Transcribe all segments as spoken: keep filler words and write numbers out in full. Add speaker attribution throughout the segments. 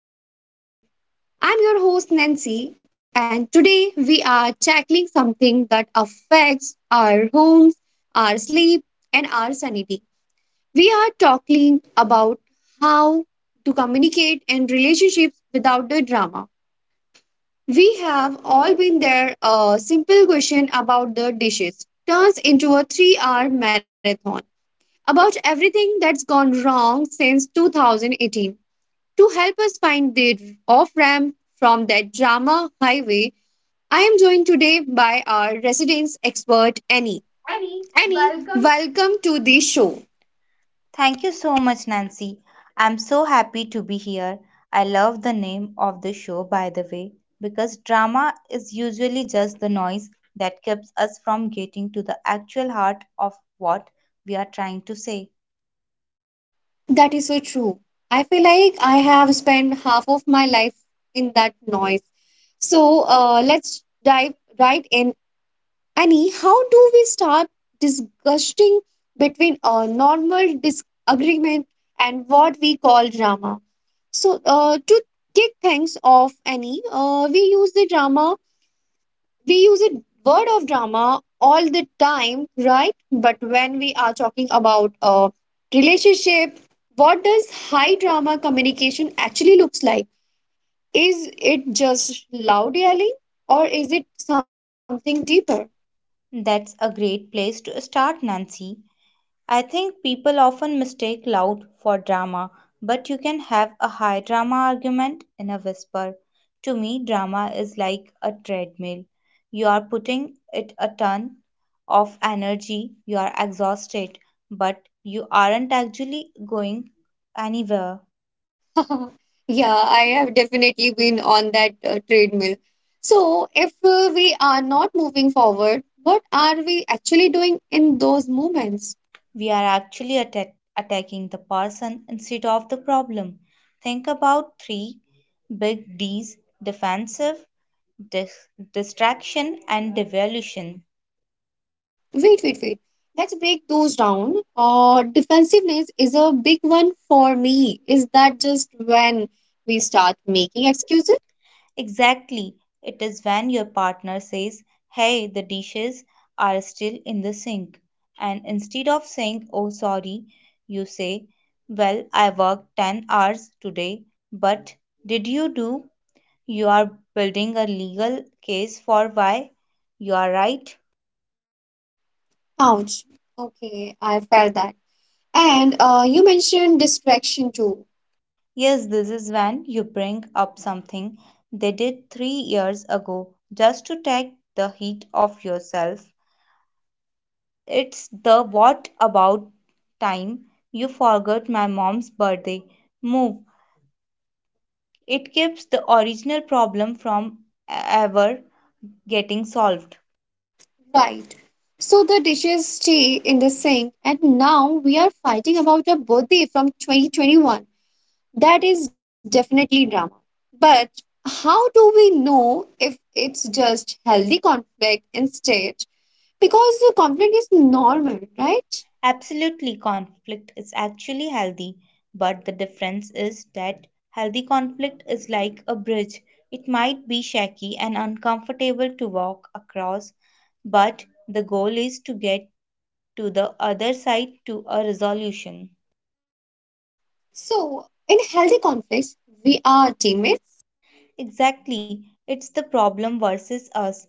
Speaker 1: Heart of the Matter. I'm your host Nancy, and today we are tackling something that affects our homes, our sleep, and our sanity. We are talking about how to communicate in relationships without the drama. We have all been there. A simple question about the dishes turns into a three hour marathon about everything that's gone wrong since two thousand eighteen. To help us find the off ramp from that drama highway, I am joined today by our residence expert, Annie.
Speaker 2: Eddie,
Speaker 1: Annie,
Speaker 2: welcome.
Speaker 1: welcome to the show.
Speaker 2: Thank you so much, Nancy. I'm so happy to be here. I love the name of the show, by the way, because drama is usually just the noise that keeps us from getting to the actual heart of what we are trying to say.
Speaker 1: That is so true. I feel like I have spent half of my life in that noise. So uh, let's dive right in, Annie, how do we start disgusting between a normal disagreement and what we call drama? So, uh, to kick things off, Annie, uh, we use the drama, we use the word of drama all the time, right? But when we are talking about a relationship, what does high drama communication actually looks like? Is it just loud yelling, or is it something deeper?
Speaker 2: That's a great place to start, Nancy. I think people often mistake loud for drama, but you can have a high drama argument in a whisper. To me, drama is like a treadmill. You are putting it a ton of energy, you are exhausted, but you aren't actually going anywhere.
Speaker 1: Yeah, I have definitely been on that uh, treadmill. So, if uh, we are not moving forward, what are we actually doing in those moments?
Speaker 2: We are actually atta- attacking the person instead of the problem. Think about three big D's: defensive, dis- distraction, and devolution.
Speaker 1: Wait, wait, wait. Let's break those down. Uh, defensiveness is a big one for me. Is that just when we start making excuses?
Speaker 2: Exactly, it is when your partner says, "Hey, the dishes are still in the sink." And instead of saying, "Oh, sorry," you say, "Well, I worked ten hours today, but did you do?" You are building a legal case for why you are right.
Speaker 1: Ouch. Okay, I felt that. And uh, you mentioned distraction too.
Speaker 2: Yes, this is when you bring up something they did three years ago just to take the heat off yourself. It's the "what about time you forgot my mom's birthday" move. It keeps the original problem from e-, ever getting solved.
Speaker 1: Right. So the dishes stay in the sink, and now we are fighting about a birthday from twenty twenty-one. That is definitely drama. But how do we know if it's just healthy conflict instead? Because the conflict is normal, right?
Speaker 2: Absolutely, conflict is actually healthy, but the difference is that healthy conflict is like a bridge. It might be shaky and uncomfortable to walk across, but the goal is to get to the other side, to a resolution.
Speaker 1: So in healthy conflicts, we are teammates.
Speaker 2: Exactly, it's the problem versus us.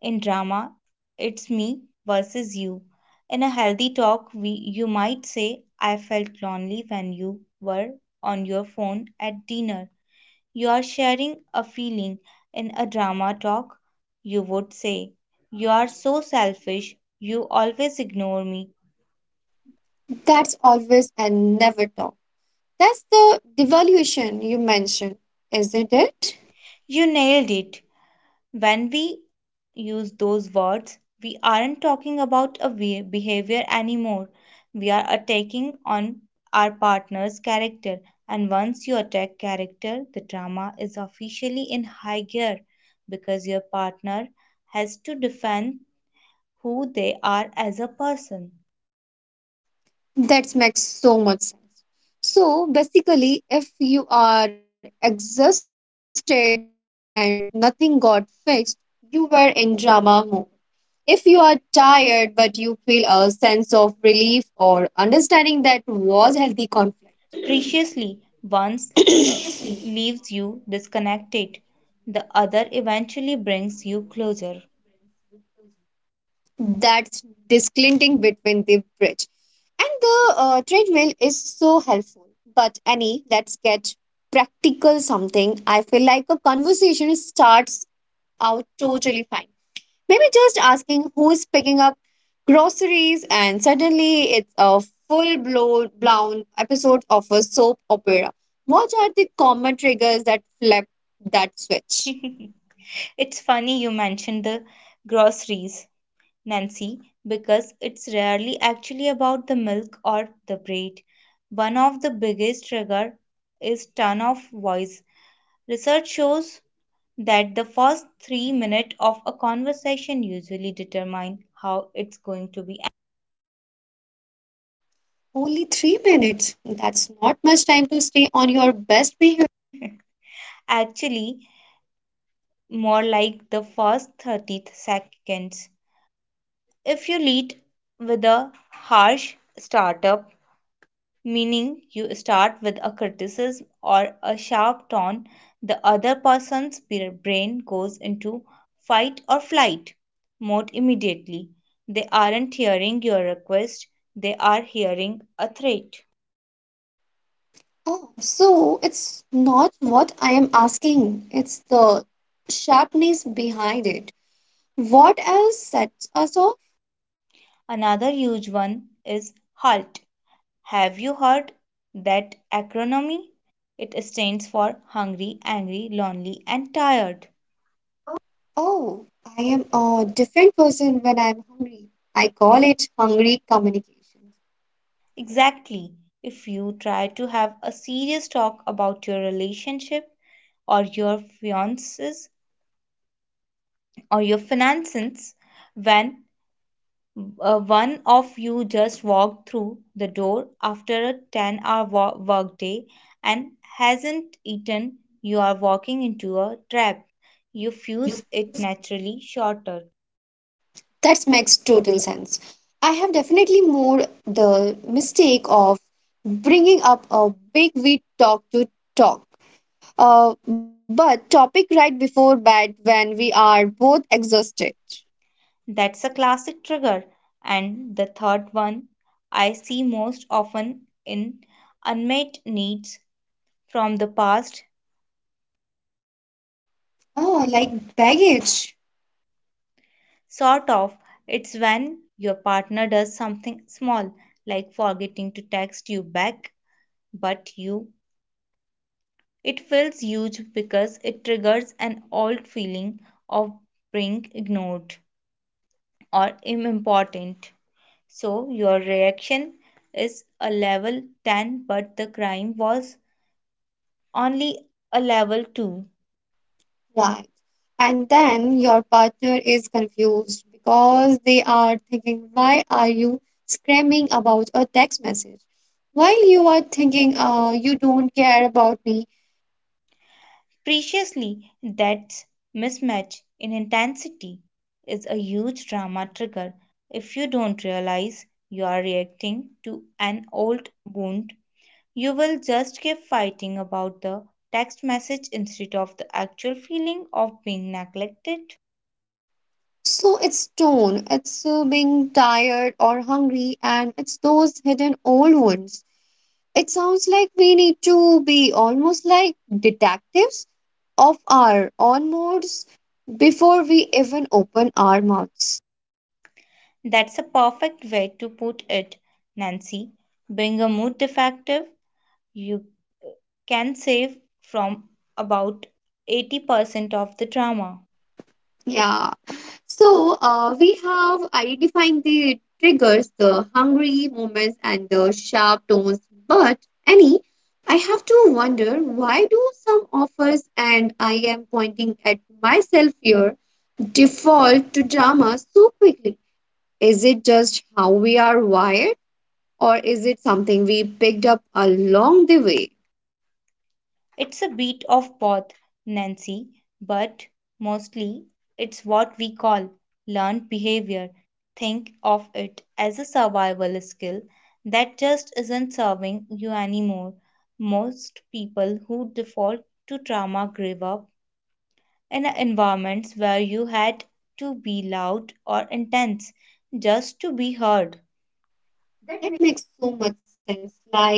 Speaker 2: In drama, it's me versus you. In a healthy talk, we, you might say, "I felt lonely when you were on your phone at dinner." You are sharing a feeling. In a drama talk, you would say, "You are so selfish. You always ignore me."
Speaker 1: That's always and never talk. That's the devaluation you mentioned, isn't it?
Speaker 2: You nailed it. When we use those words, we aren't talking about a be- behavior anymore. We are attacking on our partner's character. And once you attack character, the drama is officially in high gear because your partner has to defend who they are as a person.
Speaker 1: That makes so much sense. So basically, if you are exhausted and nothing got fixed, you were in drama mode. If you are tired but you feel a sense of relief or understanding, that was healthy conflict.
Speaker 2: Preciously. Once uh, leaves you disconnected, the other eventually brings you closer.
Speaker 1: That's disclinting between the bridge. And the uh, treadmill is so helpful. But Annie, let's get practical something. I feel like a conversation starts out totally fine. Maybe just asking who's picking up groceries, and suddenly it's a full blown blown episode of a soap opera. What are the common triggers that flip that switch?
Speaker 2: It's funny you mentioned the groceries, Nancy, because it's rarely actually about the milk or the bread. One of the biggest trigger is tone of voice. Research shows that the first three minutes of a conversation usually determine how it's going to be.
Speaker 1: Only three minutes. That's not much time to stay on your best behavior.
Speaker 2: Actually, more like the first thirty seconds. If you lead with a harsh startup, meaning you start with a criticism or a sharp tone, the other person's brain goes into fight or flight mode immediately. They aren't hearing your request, they are hearing a threat.
Speaker 1: Oh, so it's not what I am asking, it's the sharpness behind it. What else sets us off?
Speaker 2: Another huge one is halt. Have you heard that acronym? It stands for hungry, angry, lonely, and tired.
Speaker 1: Oh, I am a different person when I'm hungry. I call it hungry communication.
Speaker 2: Exactly. If you try to have a serious talk about your relationship or your fiances or your finances when uh, one of you just walked through the door after a ten hour wo- workday and hasn't eaten, you are walking into a trap. You fuse it naturally shorter.
Speaker 1: That makes total sense. I have definitely made the mistake of bringing up a big we talk to talk, uh, but topic right before bed when we are both exhausted.
Speaker 2: That's a classic trigger. And the third one I see most often in unmet needs from the past,
Speaker 1: Oh, like baggage.
Speaker 2: sort of. It's when your partner does something small, like forgetting to text you back, but you. It feels huge because it triggers an old feeling of being ignored or unimportant. So your reaction is a level ten, but the crime was only a level two.
Speaker 1: Right. And then your partner is confused because they are thinking, why are you screaming about a text message? While you are thinking, uh, you don't care about me.
Speaker 2: Preciously, that mismatch in intensity is a huge drama trigger. If you don't realize you are reacting to an old wound, you will just keep fighting about the text message instead of the actual feeling of being neglected.
Speaker 1: So it's tone, it's uh, being tired or hungry, and it's those hidden old ones. It sounds like we need to be almost like detectives of our own moods before we even open our mouths.
Speaker 2: That's a perfect way to put it, Nancy. Being a mood defective, you can save from about eighty percent of the drama.
Speaker 1: Yeah. So, uh, we have identified the triggers, the hungry moments, and the sharp tones. But, Annie, I have to wonder, why do some of us, and I am pointing at myself here, default to drama so quickly? Is it just how we are wired, or is it something we picked up along the way?
Speaker 2: It's a bit of both, Nancy, but mostly it's what we call learned behavior. Think of it as a survival skill that just isn't serving you anymore. Most people who default to trauma grew up in environments where you had to be loud or intense just to be heard.
Speaker 1: That makes so much sense. Like,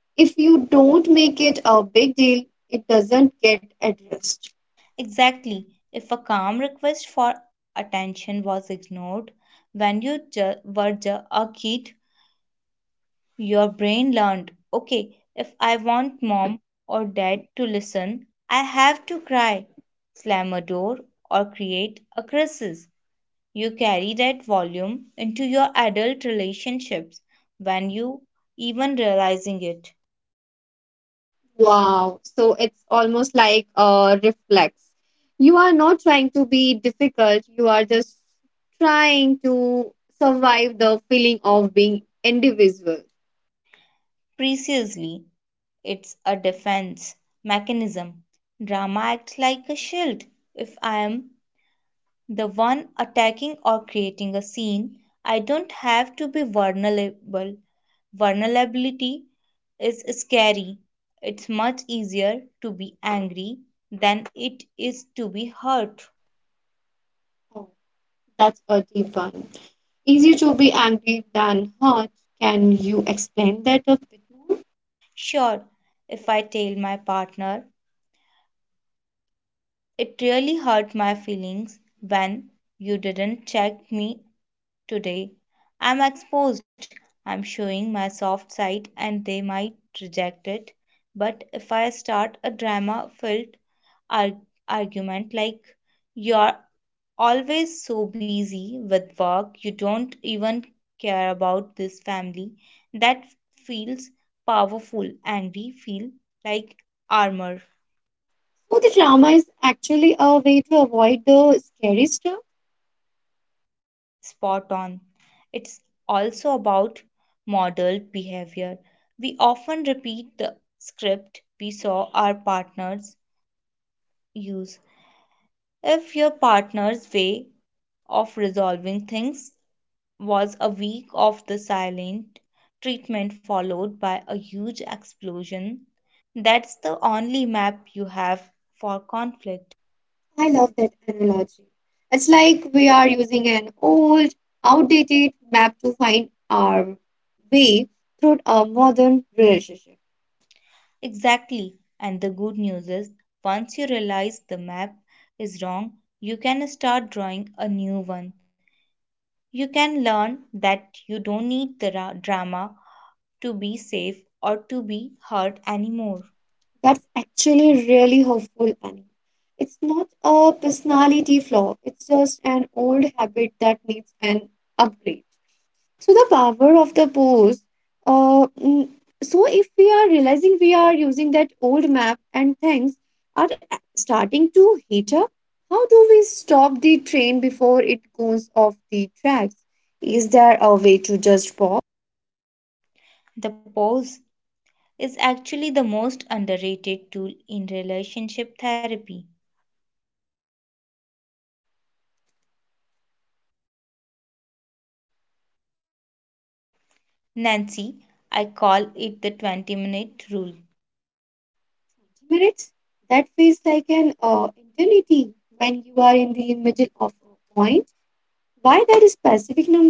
Speaker 1: if you don't make it a big deal, it doesn't get addressed.
Speaker 2: Exactly. If a calm request for attention was ignored when you ju- were ju- a kid, your brain learned okay, if I want mom or dad to listen, I have to cry, slam a door, or create a crisis. You carry that volume into your adult relationships when you even realizing it.
Speaker 1: Wow. So it's almost like a reflex. You are not trying to be difficult, you are just trying to survive the feeling of being individual.
Speaker 2: Preciously, it's a defense mechanism. Drama acts like a shield. If I am the one attacking or creating a scene, I don't have to be vulnerable. Vulnerability is scary. It's much easier to be angry than it is to be hurt.
Speaker 1: Oh, that's a deep one. Easier to be angry than hurt. Can you explain that a bit more?
Speaker 2: Sure, if I tell my partner, "It really hurt my feelings when you didn't check me today," I'm exposed, I'm showing my soft side, and they might reject it. But if I start a drama filled arg- argument like, "You're always so busy with work, you don't even care about this family," that feels powerful, angry, feel like armor.
Speaker 1: So the trauma is actually a way to avoid the scary stuff.
Speaker 2: Spot on. It's also about modeled behavior. We often repeat the script we saw our partners use. If your partner's way of resolving things was a week of the silent treatment followed by a huge explosion, that's the only map you have for conflict.
Speaker 1: I love that analogy. It's like we are using an old, outdated map to find our way through a modern relationship.
Speaker 2: Exactly. And the good news is, once you realize the map is wrong, you can start drawing a new one. You can learn that you don't need the ra- drama to be safe or to be hurt anymore.
Speaker 1: That's actually really helpful, Annie. It's not a personality flaw, it's just an old habit that needs an upgrade. So the power of the pose. Uh, mm, so if we are realizing we are using that old map and things are a- starting to heat up, how do we stop the train before it goes off the tracks? Is there a way to just pause?
Speaker 2: The pause is actually the most underrated tool in relationship therapy. Nancy, I call it the twenty minute rule.
Speaker 1: Minutes? That feels like an uh, eternity when you are in the middle of a point. Why that specific number?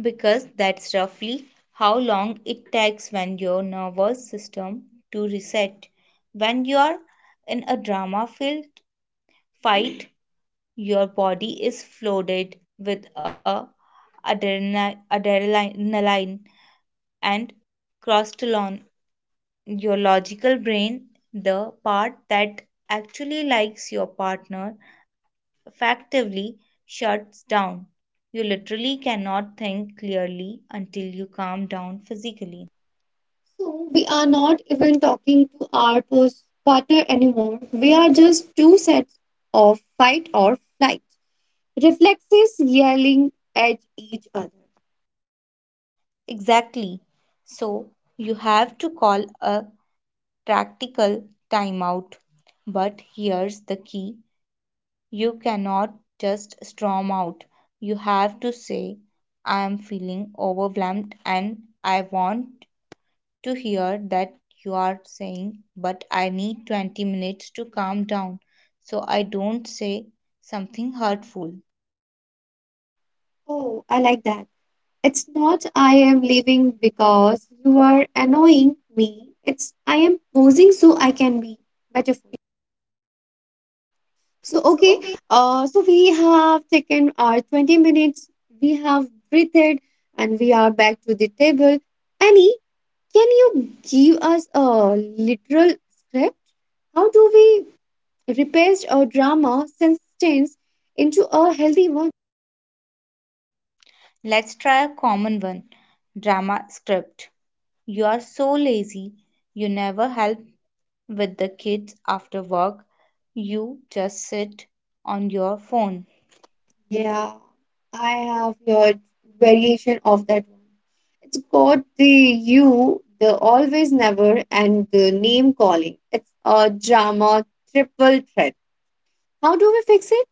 Speaker 2: Because that's roughly how long it takes when your nervous system to reset. When you are in a drama filled fight, your body is flooded with a adrenali- adrenaline and cortisol. Your logical brain, the part that actually likes your partner, effectively shuts down. You literally cannot think clearly until you calm down physically.
Speaker 1: So we are not even talking to our pers- partner anymore. We are just two sets of fight or flight. Reflexes yelling at each other.
Speaker 2: Exactly. So you have to call a practical timeout. But here's the key: you cannot just storm out. You have to say, "I am feeling overwhelmed and I want to hear that you are saying, but I need twenty minutes to calm down so I don't say something hurtful."
Speaker 1: Oh, I like that. It's not I am leaving because you are annoying me. It's I am posing so I can be beautiful. So
Speaker 2: So,
Speaker 1: okay,
Speaker 2: okay.
Speaker 1: uh, so we have taken our twenty minutes, we have breathed, and we are back to the table. Annie, can you give us a literal script? How do we repaste a drama sentence into a healthy one?
Speaker 2: Let's try a common one drama script. "You are so lazy, you never help with the kids after work, you just sit on your phone."
Speaker 1: Yeah, I have heard variation of that one. It's got the you, the always never, and the name calling. It's a drama triple threat. How do we fix it?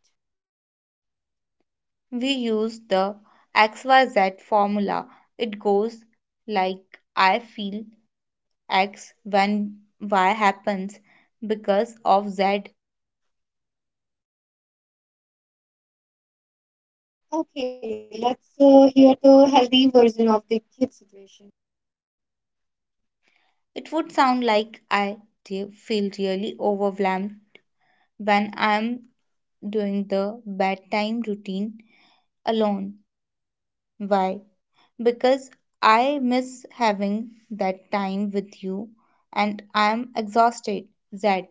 Speaker 2: We use the X Y Z formula. It goes like "I feel X when Y happens because of Z."
Speaker 1: Okay, let's uh, hear the healthy version of the kid situation.
Speaker 2: It would sound like "I feel really overwhelmed when I'm doing the bedtime routine alone." Why? "Because I miss having that time with you and I'm exhausted." Z.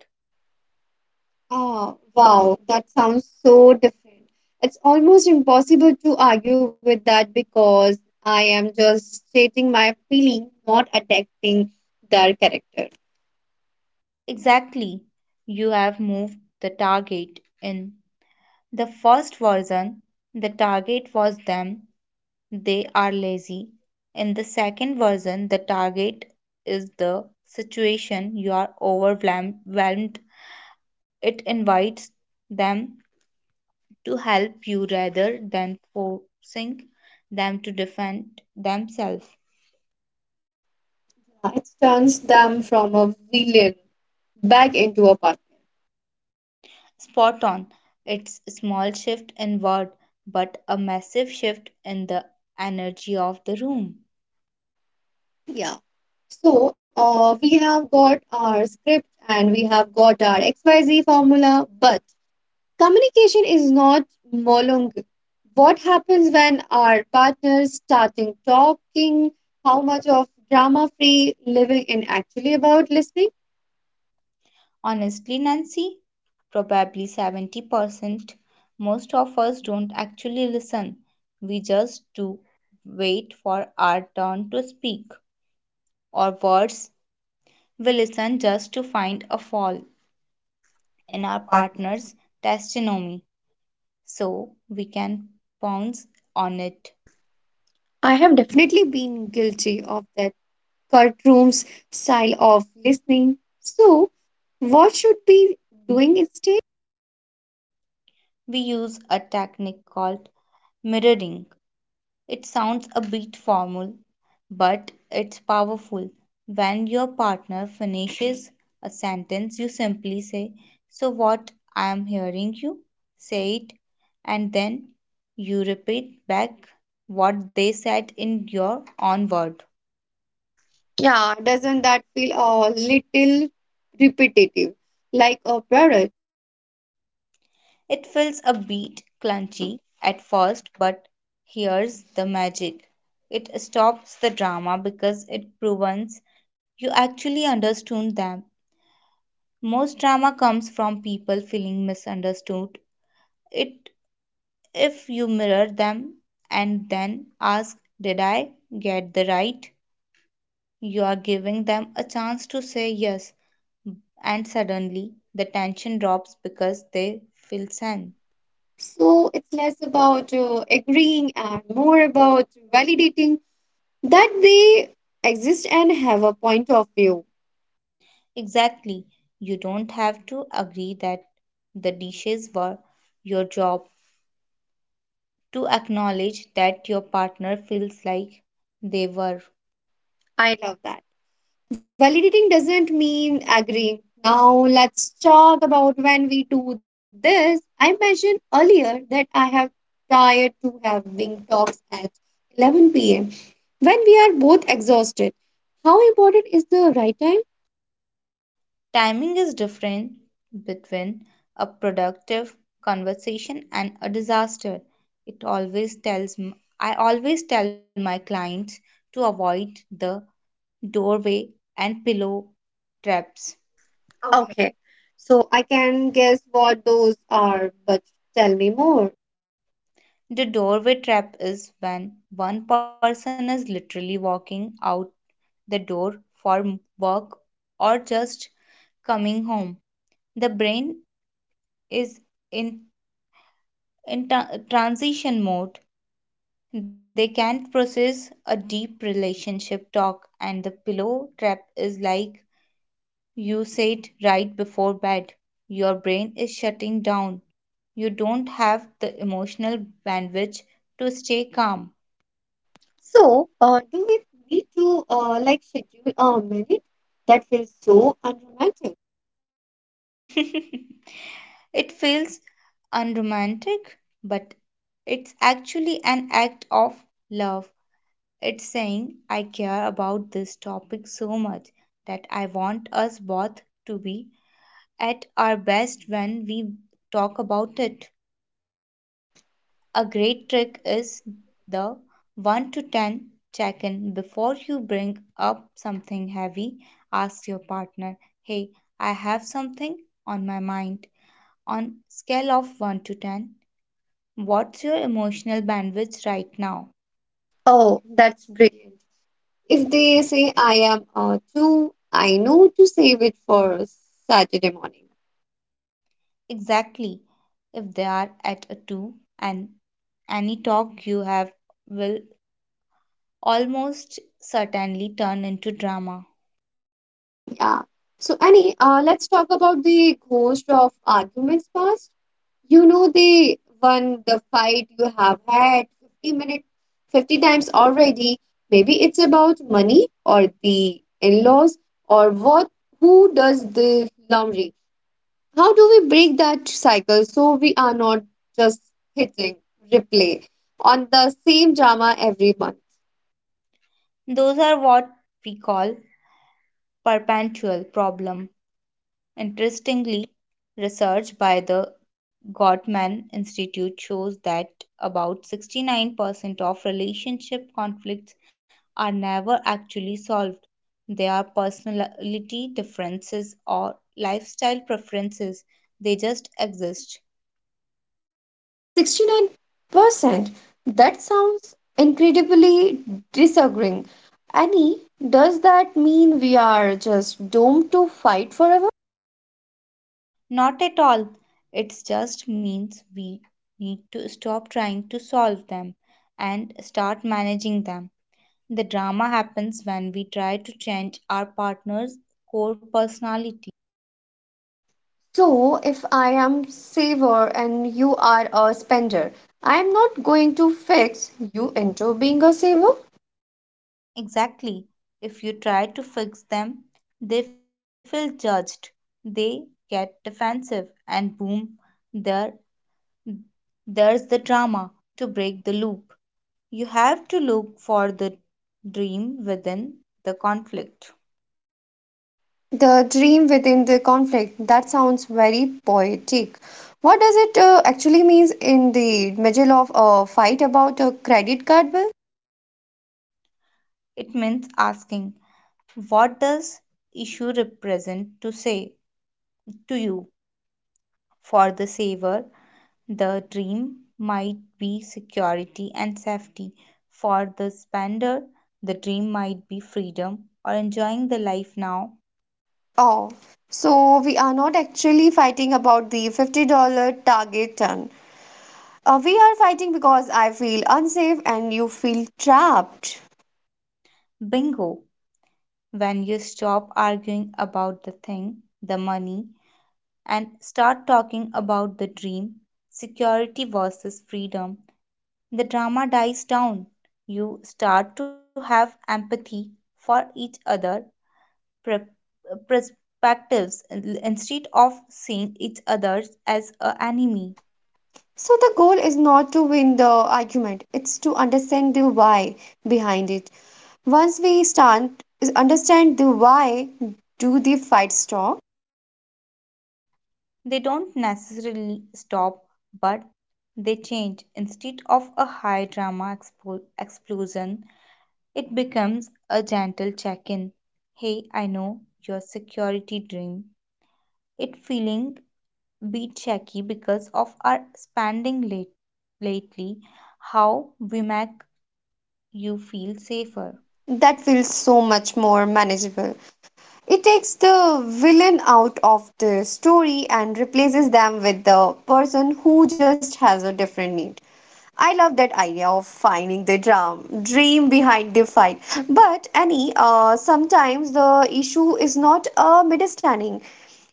Speaker 1: Ah, wow, that sounds so different. It's almost impossible to argue with that because I am just stating my feeling, not attacking their character.
Speaker 2: Exactly. You have moved the target. In the first version, the target was them: they are lazy. In the second version, the target is the situation: you are overwhelmed. It invites them to help you rather than forcing them to defend themselves.
Speaker 1: Yeah, it turns them from a villain back into a partner.
Speaker 2: Spot on. It's a small shift inward, but a massive shift in the energy of the room.
Speaker 1: Yeah. So, uh, we have got our script and we have got our X Y Z formula, but communication is not monologue. What happens when our partners starting talking? How much of drama free living in actually about listening?
Speaker 2: Honestly, Nancy, probably seventy percent. Most of us don't actually listen, we just do wait for our turn to speak. Or worse, we listen just to find a fault
Speaker 1: In
Speaker 2: in
Speaker 1: our
Speaker 2: our
Speaker 1: partners.
Speaker 2: partner's testimony so we can pounce on it.
Speaker 1: I have definitely been guilty of that courtroom's style of listening. So, what should be doing instead?
Speaker 2: We use a technique called mirroring. It sounds a bit formal, but it's powerful. When your partner finishes a sentence, you simply say, "So what I am hearing you say it," and then you repeat back what they said in your own word.
Speaker 1: Yeah, doesn't that feel a little repetitive, like a parrot?
Speaker 2: It feels a bit clunky at first, but here's the magic. It stops the drama because it proves you actually understood them. Most drama comes from people feeling misunderstood. It if you mirror them and then ask, "Did I get the right?" you are giving them a chance to say yes, and suddenly the tension drops because they feel seen.
Speaker 1: So it's less about uh, agreeing and more about validating that they exist and have a point of view.
Speaker 2: Exactly. You don't have to agree that the dishes were your job to acknowledge that your partner feels like they were.
Speaker 1: I love that. Validating doesn't mean agreeing. Now let's talk about when we do this. I mentioned earlier that I have tired to have wing talks at eleven p m when we are both exhausted. How important is the right time?
Speaker 2: Timing is different between a productive conversation and a disaster. It always tells m- I always tell my clients to avoid the doorway and pillow traps.
Speaker 1: Okay, so I can guess what those are, but tell me more.
Speaker 2: The doorway trap is when one person is literally walking out the door for m- work or just coming home. The brain is in, in tra- transition mode. They can't process a deep relationship talk, and the pillow trap is like you said, right before bed. Your brain is shutting down. You don't have the emotional bandwidth to stay calm.
Speaker 1: So, uh, do we need to uh, like schedule a minute? That feels so unromantic.
Speaker 2: It feels unromantic, but it's actually an act of love. It's saying, "I care about this topic so much that I want us both to be at our best when we talk about it." A great trick is the one to ten check in. Before you bring up something heavy, ask your partner, "Hey, I have something on my mind. On scale of one to ten, what's your emotional bandwidth right now?"
Speaker 1: Oh, that's brilliant. If they say I am uh, too, I know to save it for Saturday morning.
Speaker 2: Exactly. If they are at a two, and any talk you have will almost certainly turn into drama.
Speaker 1: Yeah. So, Annie, uh, let's talk about the ghost of arguments past. You know the one, the fight you have had fifty minutes, fifty times already. Maybe it's about money or the in-laws or what, who does the laundry? How do we break that cycle so we are not just hitting replay on the same drama every month?
Speaker 2: Those are what we call perpetual problem. Interestingly, research by the Gottman Institute shows that about sixty-nine percent of relationship conflicts are never actually solved. They are personality differences or lifestyle preferences. They just exist.
Speaker 1: sixty-nine percent. That sounds incredibly disagreeing. Annie, does that mean we are just doomed to fight forever?
Speaker 2: Not at all. It just means we need to stop trying to solve them and start managing them. The drama happens when we try to change our partner's core personality.
Speaker 1: So, if I am saver and you are a spender, I am not going to fix you into being a saver?
Speaker 2: Exactly. If you try to fix them, they feel judged, they get defensive, and boom, there, there's the drama. To break the loop, you have to look for the dream within the conflict.
Speaker 1: The dream within the conflict, that sounds very poetic. What does it uh, actually means in the middle of a fight about a credit card bill?
Speaker 2: It means asking, "What does issue represent to say to you?" For the saver, the dream might be security and safety. For the spender, the dream might be freedom or enjoying the life now.
Speaker 1: Oh, so we are not actually fighting about the fifty dollars target ton. Uh, we are fighting because I feel unsafe and you feel trapped.
Speaker 2: Bingo! When you stop arguing about the thing, the money, and start talking about the dream, security versus freedom, the drama dies down. You start to have empathy for each other perspectives instead of seeing each other as an enemy.
Speaker 1: So the goal is not to win the argument, it's to understand the why behind it. Once we stand, understand the why, do the fight stop?
Speaker 2: They don't necessarily stop, but they change. Instead of a high drama expo- explosion, it becomes a gentle check in. "Hey, I know your security dream. It feeling bit shaky because of our spending late- lately, how we make you feel safer."
Speaker 1: That feels so much more manageable. It takes the villain out of the story and replaces them with the person who just has a different need. I love that idea of finding the drum, dream behind the fight. But Annie, uh, sometimes the issue is not a misunderstanding;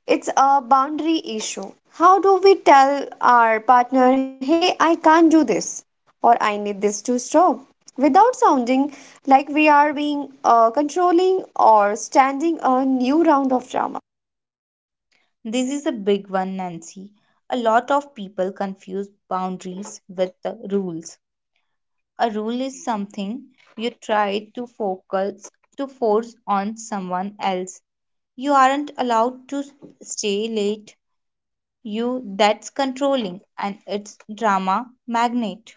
Speaker 1: it's a boundary issue. How do we tell our partner, "Hey, I can't do this," or "I need this to stop," without sounding like we are being uh, controlling or standing a new round of drama?
Speaker 2: This is a big one, Nancy. A lot of people confuse boundaries with the rules. A rule is something you try to focus to force on someone else. "You aren't allowed to stay late." You, that's controlling and it's drama magnet.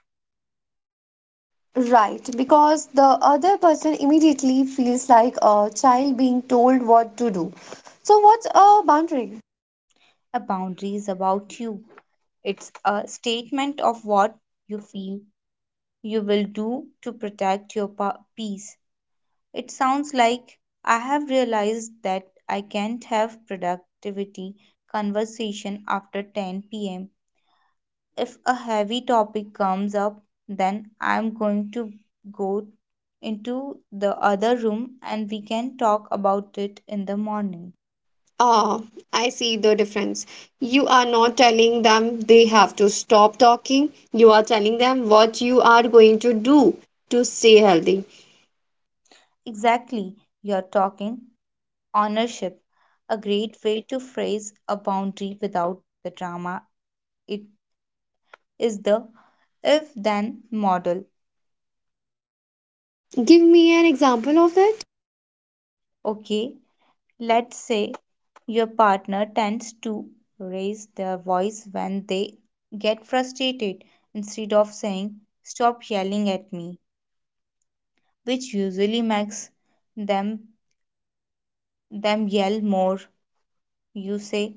Speaker 1: Right, because the other person immediately feels like a child being told what to do. So, what's a boundary?
Speaker 2: A boundary is about you. It's a statement of what you feel you will do to protect your pa- peace. It sounds like, "I have realized that I can't have productivity conversation after ten p m. If a heavy topic comes up, then I'm going to go into the other room and we can talk about it in the morning."
Speaker 1: Ah, I see the difference. You are not telling them they have to stop talking. You are telling them what you are going to do to stay healthy.
Speaker 2: Exactly, you're talking ownership, a great way to phrase a boundary without the drama. It is the if then model.
Speaker 1: Give me an example of that.
Speaker 2: Okay, let's say your partner tends to raise their voice when they get frustrated. Instead of saying, "Stop yelling at me," which usually makes them them yell more, you say,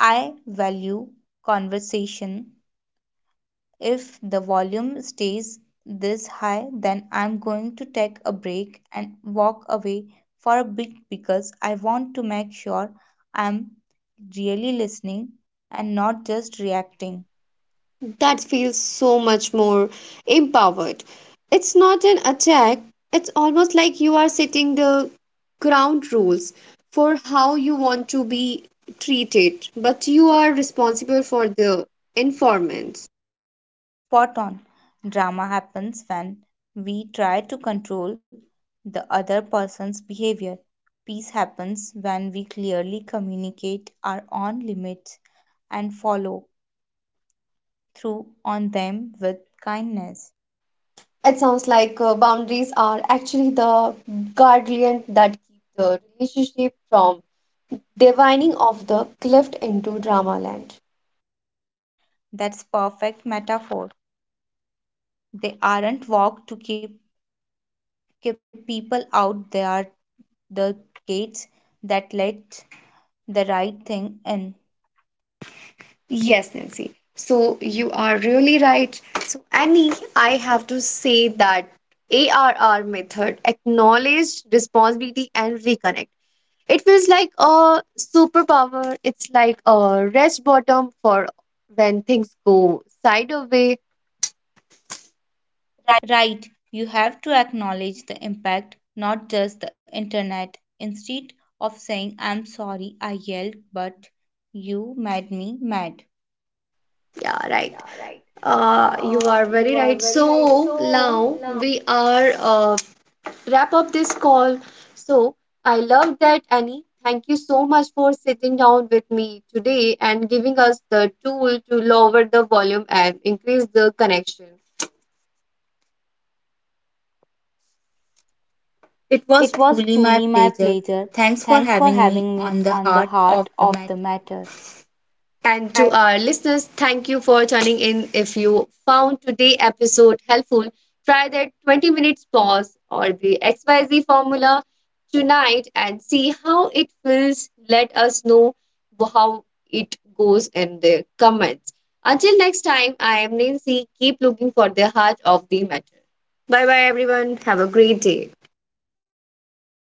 Speaker 2: "I value conversation. If the volume stays this high, then I'm going to take a break and walk away for a bit because I want to make sure I'm really listening and not just reacting."
Speaker 1: That feels so much more empowered. It's not an attack, it's almost like you are setting the ground rules for how you want to be treated, but you are responsible for the informants.
Speaker 2: Spot on. Drama happens when we try to control the other person's behavior. Peace happens when we clearly communicate our own limits and follow through on them with kindness.
Speaker 1: It sounds like uh, boundaries are actually the guardian that keep the relationship from divining off the cliff into drama land.
Speaker 2: That's perfect metaphor. They aren't walk to keep keep people out. They are the gates that let the right thing in.
Speaker 1: Yes, Nancy. So you are really right. So, Annie, I have to say that A R R method, acknowledge, responsibility, and reconnect. It feels like a superpower. It's like a rest bottom for when things go side away.
Speaker 2: Right. You have to acknowledge the impact, not just the internet. Instead of saying, "I'm sorry I yelled, but you made me mad."
Speaker 1: Yeah, right. Uh, you are very right. So now we are uh, wrap up this call. So, I love that, Annie. Thank you so much for sitting down with me today and giving us the tool to lower the volume and increase the connection. It was
Speaker 2: It was
Speaker 1: truly my
Speaker 2: truly my
Speaker 1: pleasure.
Speaker 2: pleasure.
Speaker 1: Thanks for
Speaker 2: Thanks for
Speaker 1: having me
Speaker 2: having me
Speaker 1: on The
Speaker 2: on the
Speaker 1: Heart of
Speaker 2: heart
Speaker 1: the
Speaker 2: of the
Speaker 1: Matter.
Speaker 2: matter.
Speaker 1: And to our listeners, thank you for tuning in. If you found today's episode helpful, try that twenty minutes pause or the X Y Z formula tonight and see how it feels. Let us know how it goes in the comments. Until next time, I am Nancy. Keep looking for the heart of the matter. Bye bye, everyone. Have a great day.